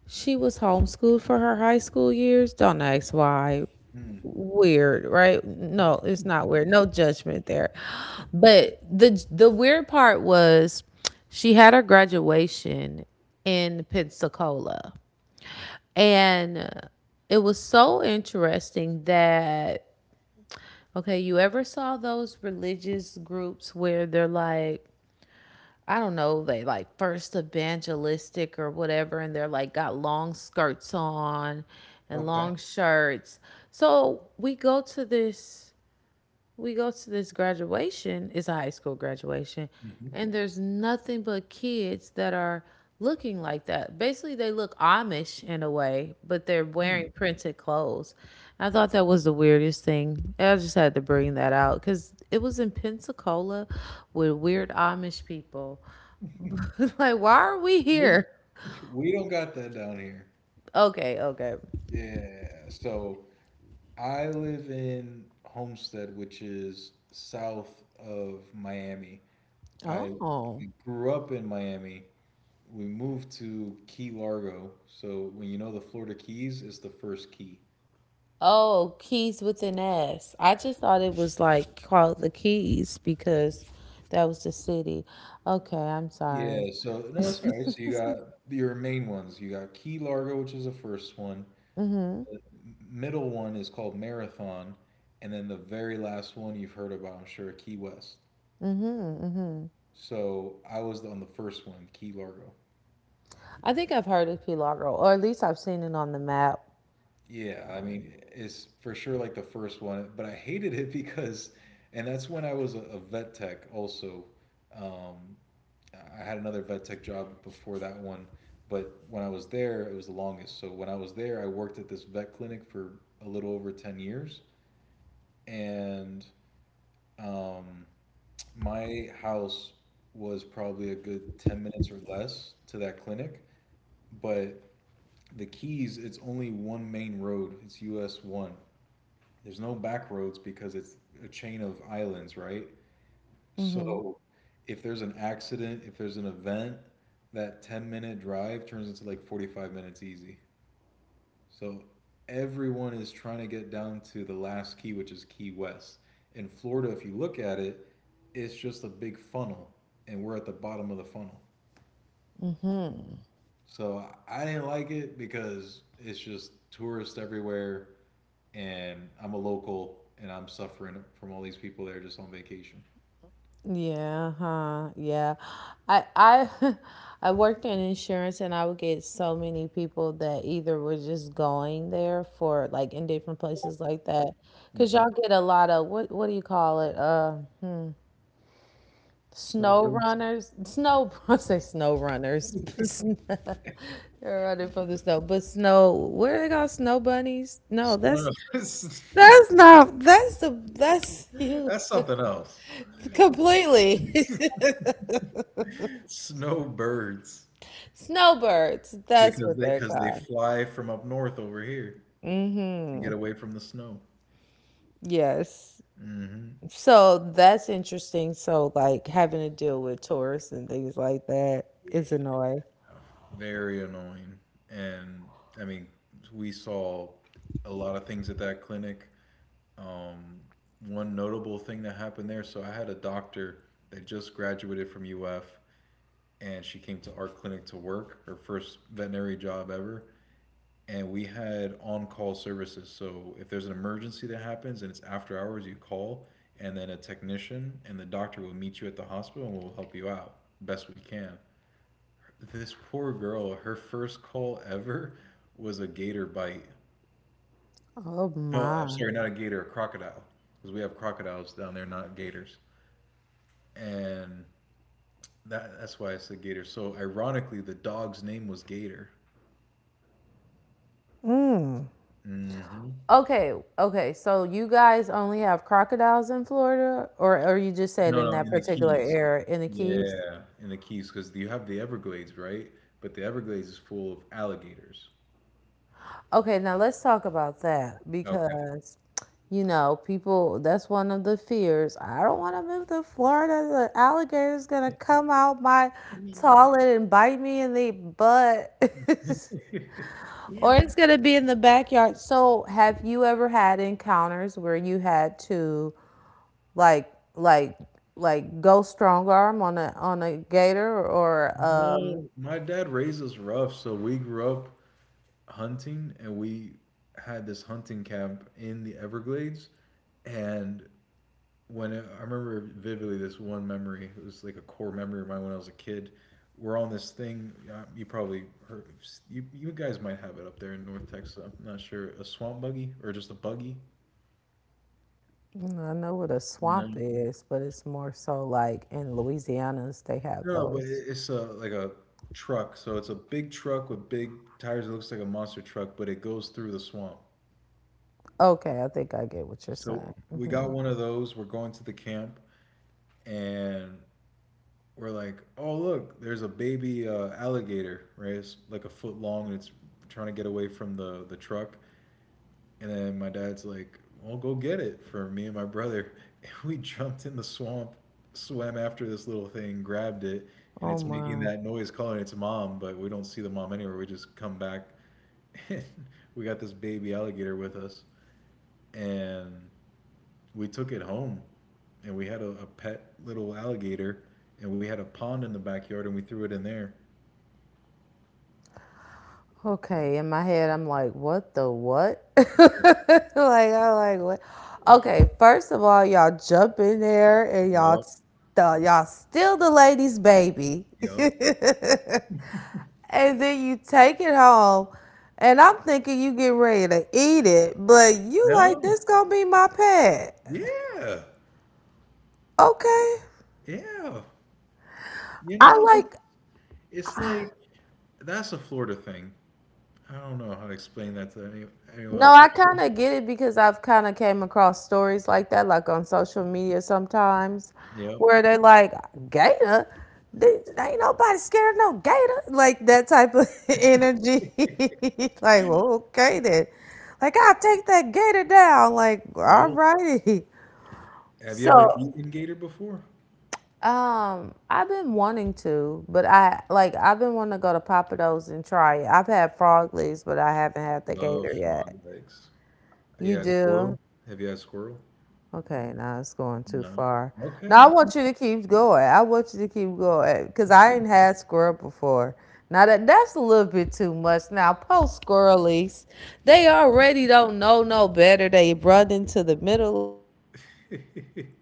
she was homeschooled for her high school years. Don't ask why. Mm. Weird, right? No, it's not weird. No judgment there. But the the weird part was she had her graduation in Pensacola. And it was so interesting that... Okay, you ever saw those religious groups where they're like, I don't know, they like first evangelistic or whatever, and they're like got long skirts on and Okay. long shirts. So we go to this we go to this graduation, it's a high school graduation, Mm-hmm. and there's nothing but kids that are looking like that. Basically, they look Amish in a way, but they're Mm. wearing printed clothes. I thought that was the weirdest thing. I just had to bring that out because it was in Pensacola with weird Amish people. Like, why are we We here? we don't got that down here. Okay, okay. Yeah. So I live in Homestead, which is south of Miami. I, Oh. I grew up in Miami, we moved to Key Largo. So when you know the Florida Keys, it's the first key. Oh, keys with an S. I just thought it was like called the Keys because that was the city. Okay, I'm sorry. Yeah, so no, it's all right. So you got your main ones. You got Key Largo, which is the first one. M- Middle one is called Marathon, and then the very last one you've heard about, I'm sure, Key West. So I was on the first one, Key Largo. I think I've heard of Key Largo, or at least I've seen it on the map. Yeah, I mean, it's for sure like the first one, but I hated it because, and that's when I was a, a vet tech also. Um, I had another vet tech job before that one, but when I was there, it was the longest. So when I was there, I worked at this vet clinic for a little over ten years. And um, my house was probably a good ten minutes or less to that clinic. But the Keys, it's only one main road, it's U S one. There's no back roads because it's a chain of islands, right? So if there's an accident, if there's an event, that ten minute drive turns into like forty-five minutes easy. So everyone is trying to get down to the last key, which is Key West. In Florida, if you look at it, it's just a big funnel, and we're at the bottom of the funnel. So I I didn't like it because it's just tourists everywhere, and I'm a local and I'm suffering from all these people that are just on vacation. Yeah, huh? Yeah. I I I worked in insurance and I would get so many people that either were just going there for like in different places like that. Cause Hmm. y'all get a lot of, what what do you call it? Uh Snow Snowbirds. runners, snow, I say snow runners. They're running from the snow, but snow, where they got snow bunnies? No, Snow. that's that's not that's the that's you That's something else. completely. Snowbirds Snowbirds, that's because what they they're because they called. fly from up north over here to get away from the snow. Yes. Hmm. So that's interesting. So like having to deal with tourists and things like that is Yeah, annoying. very annoying. And I mean, we saw a lot of things at that clinic. Um, one notable thing that happened there. So I had a doctor that just graduated from U F, and she came to our clinic to work, her first veterinary job ever. And we had on-call services. So if there's an emergency that happens and it's after hours, you call, and then a technician and the doctor will meet you at the hospital and will help you out best we can. This poor girl, her first call ever was a gator bite. Oh No, I'm my. sorry, not a gator, a crocodile, because we have crocodiles down there, not gators. And that, that's why I said gator. So ironically, the dog's name was Gator. Mm hmm. Okay, okay. So you guys only have crocodiles in Florida, or or you just said No, in no, that in the particular Keys. area in the Keys? Yeah, in the Keys, because you have the Everglades, right? But the Everglades is full of alligators. Okay, now let's talk about that Okay. because you know people. That's one of the fears. I don't want to move to Florida. The alligator's gonna come out my toilet and bite me in the butt. Or it's gonna be in the backyard. So, have you ever had encounters where you had to like like like go strong arm on a on a gator or um No, my dad raised us rough, so we grew up hunting, and we had this hunting camp in the Everglades, and when it, I remember vividly this one memory. It was like a core memory of mine when I was a kid. We're on this thing. uh, You probably heard, you you guys might have it up there in North Texas. I'm not sure. A swamp buggy or just a buggy. I know what a swamp No. is, but it's more so like in Louisiana's they have No, but those. it- it's a like a truck. So it's a big truck with big tires. It looks like a monster truck, but it goes through the swamp. Okay, I think I get what you're So saying. we got Hmm. one of those. We're going to the camp, and we're like, oh look, there's a baby uh, alligator, right? It's like a foot long, and it's trying to get away from the the truck. And then my dad's like, well, go get it for me and my brother. And we jumped in the swamp, swam after this little thing, grabbed it, and Oh it's making my. that noise calling its mom, but we don't see the mom anywhere. We just come back, and we got this baby alligator with us, and we took it home, and we had a, a pet little alligator, and we had a pond in the backyard, and we threw it in there. Okay, in my head I'm like, what the what? Like I like what? Okay, first of all, y'all jump in there and y'all Yup, st- y'all steal the lady's baby. yup. And then you take it home, and I'm thinking you get ready to eat it, but you like No. this gonna be my pet. Yeah. Okay, Yeah. You I know, it's like... it's like that's a Florida thing. I don't know how to explain that to any anyone No, else. I It's just. kind of get it because I've kind of came across stories like that, like on social media sometimes Yup, where they like gator... Th- ain't nobody scared of no gator, like that type of energy. Like, well, okay then, like I'll take that gator down like all yup. righty. Have you ever So eaten gator before? Um, I've been wanting to, but I like I've been wanting to go to Papa Do's and try it. I've had frog legs, but I haven't had the Love gator frog yet. legs. Have You you had do? squirrel? Have you had squirrel? Okay, now it's going too No. far. Okay, Now I all want you to keep going. I want you to keep going because I ain't had squirrel before. Now that that's a little bit too much. Now post squirrelies, they already don't know no better. They run into the middle right.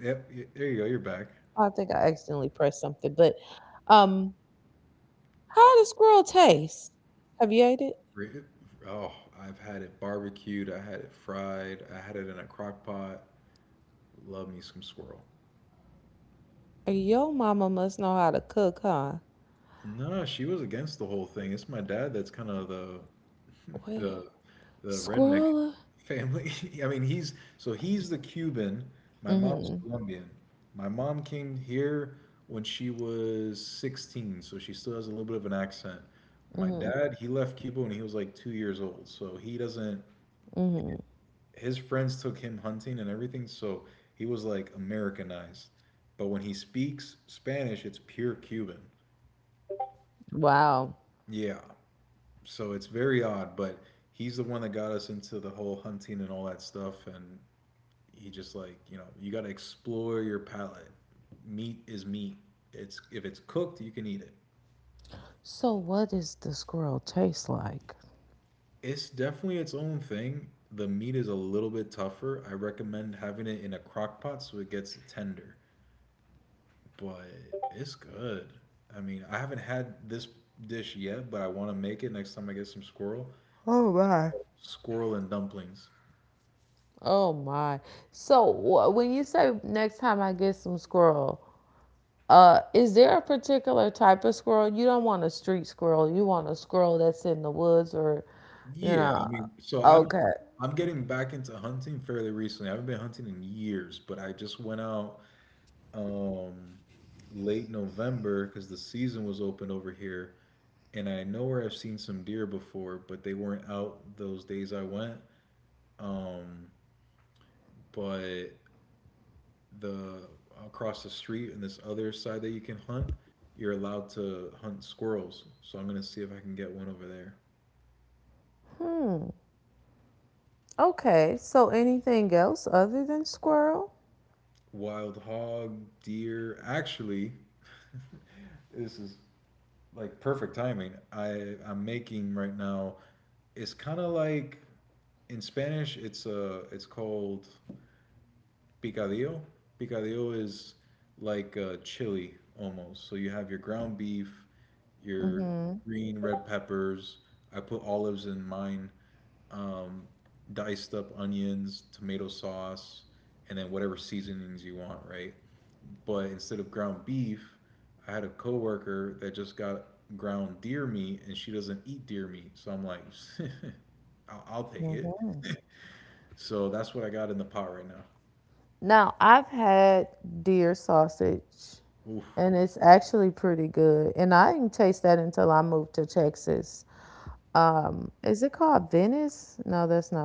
Yep, y there you go, you're back. Re oh, I've had it barbecued, I had it fried, I had it in a crock pot. Love me some squirrel. No, she was against the whole thing. It's my dad that's kind of the the the redneck in the family. I mean, he's so he's the Cuban. My mom's Colombian. My mom came here when she was sixteen, so she still has a little bit of an accent. My dad, he left Cuba when he was like two years old, so he doesn't. His friends took him hunting and everything, so he was like Americanized. But when he speaks Spanish, it's pure Cuban. Yeah. So it's very odd, but he's the one that got us into the whole hunting and all that stuff. And he just like, you know, you got to explore your palate. Meat is meat. It's if it's cooked, you can eat it. It's definitely its own thing. The meat is a little bit tougher. I recommend having it in a crock pot so it gets tender, but it's good. I mean, I haven't had this dish yet, but I want to make it next time I get some squirrel. Squirrel and dumplings. Yeah, I mean, so I'm I'm getting back into hunting fairly recently. I haven't been hunting in years, but I just went out um late November because the season was open over here, and I know where I've seen some deer before, but they weren't out those days I went. Um, but the across the street and this other side that you can hunt, you're allowed to hunt squirrels. So I'm gonna see if I can get one over there. Wild hog, deer. Actually, this is like perfect timing. I I'm making right now. It's kind of like in Spanish. It's uh it's called picadillo. Picadillo is like uh, chili almost. So you have your ground beef, your green red peppers. I put olives in mine, um, diced up onions, tomato sauce, and then whatever seasonings you want, right? But instead of ground beef, I had a coworker that just got ground deer meat, and she doesn't eat deer meat. So I'm like, I'll, I'll take it. So that's what I got in the pot right now. Oof.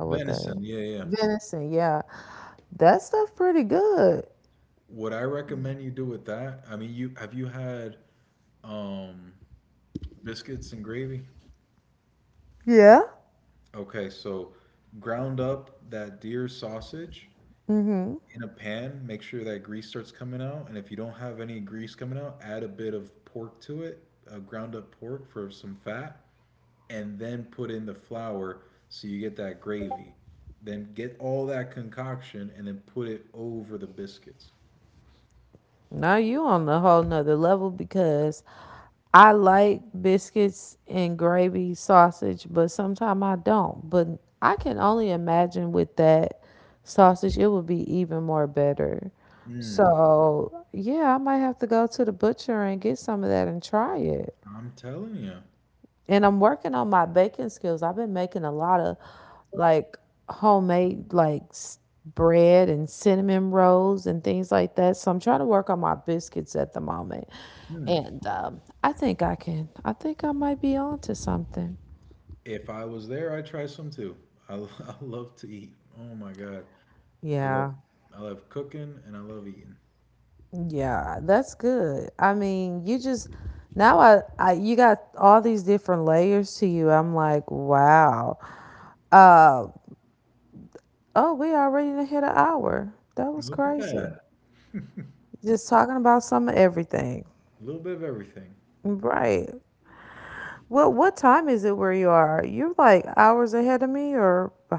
Venison, yeah, yeah. What I recommend you do with that, I mean, you have you had um biscuits and gravy? Okay, so ground up that deer sausage in a pan, make sure that grease starts coming out. And if you don't have any grease coming out, add a bit of pork to it, uh, ground up pork for some fat, and then put in the flour so you get that gravy. Then get all that concoction and then put it over the biscuits. Mm, I'm telling you. Mm. If I was there, I'd try some too. I, I love to eat. Oh my God. I love I love cooking and I love eating. Look at that. A little bit of everything.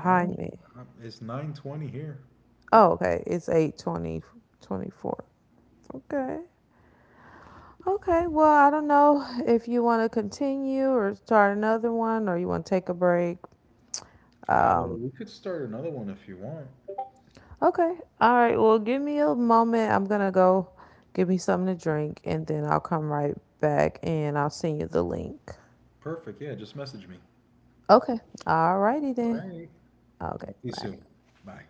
Oh, uh, it's nine twenty here. Uh, we could start another one if you want. Perfect. Yeah, just message me. All right. Talk to you soon. Bye.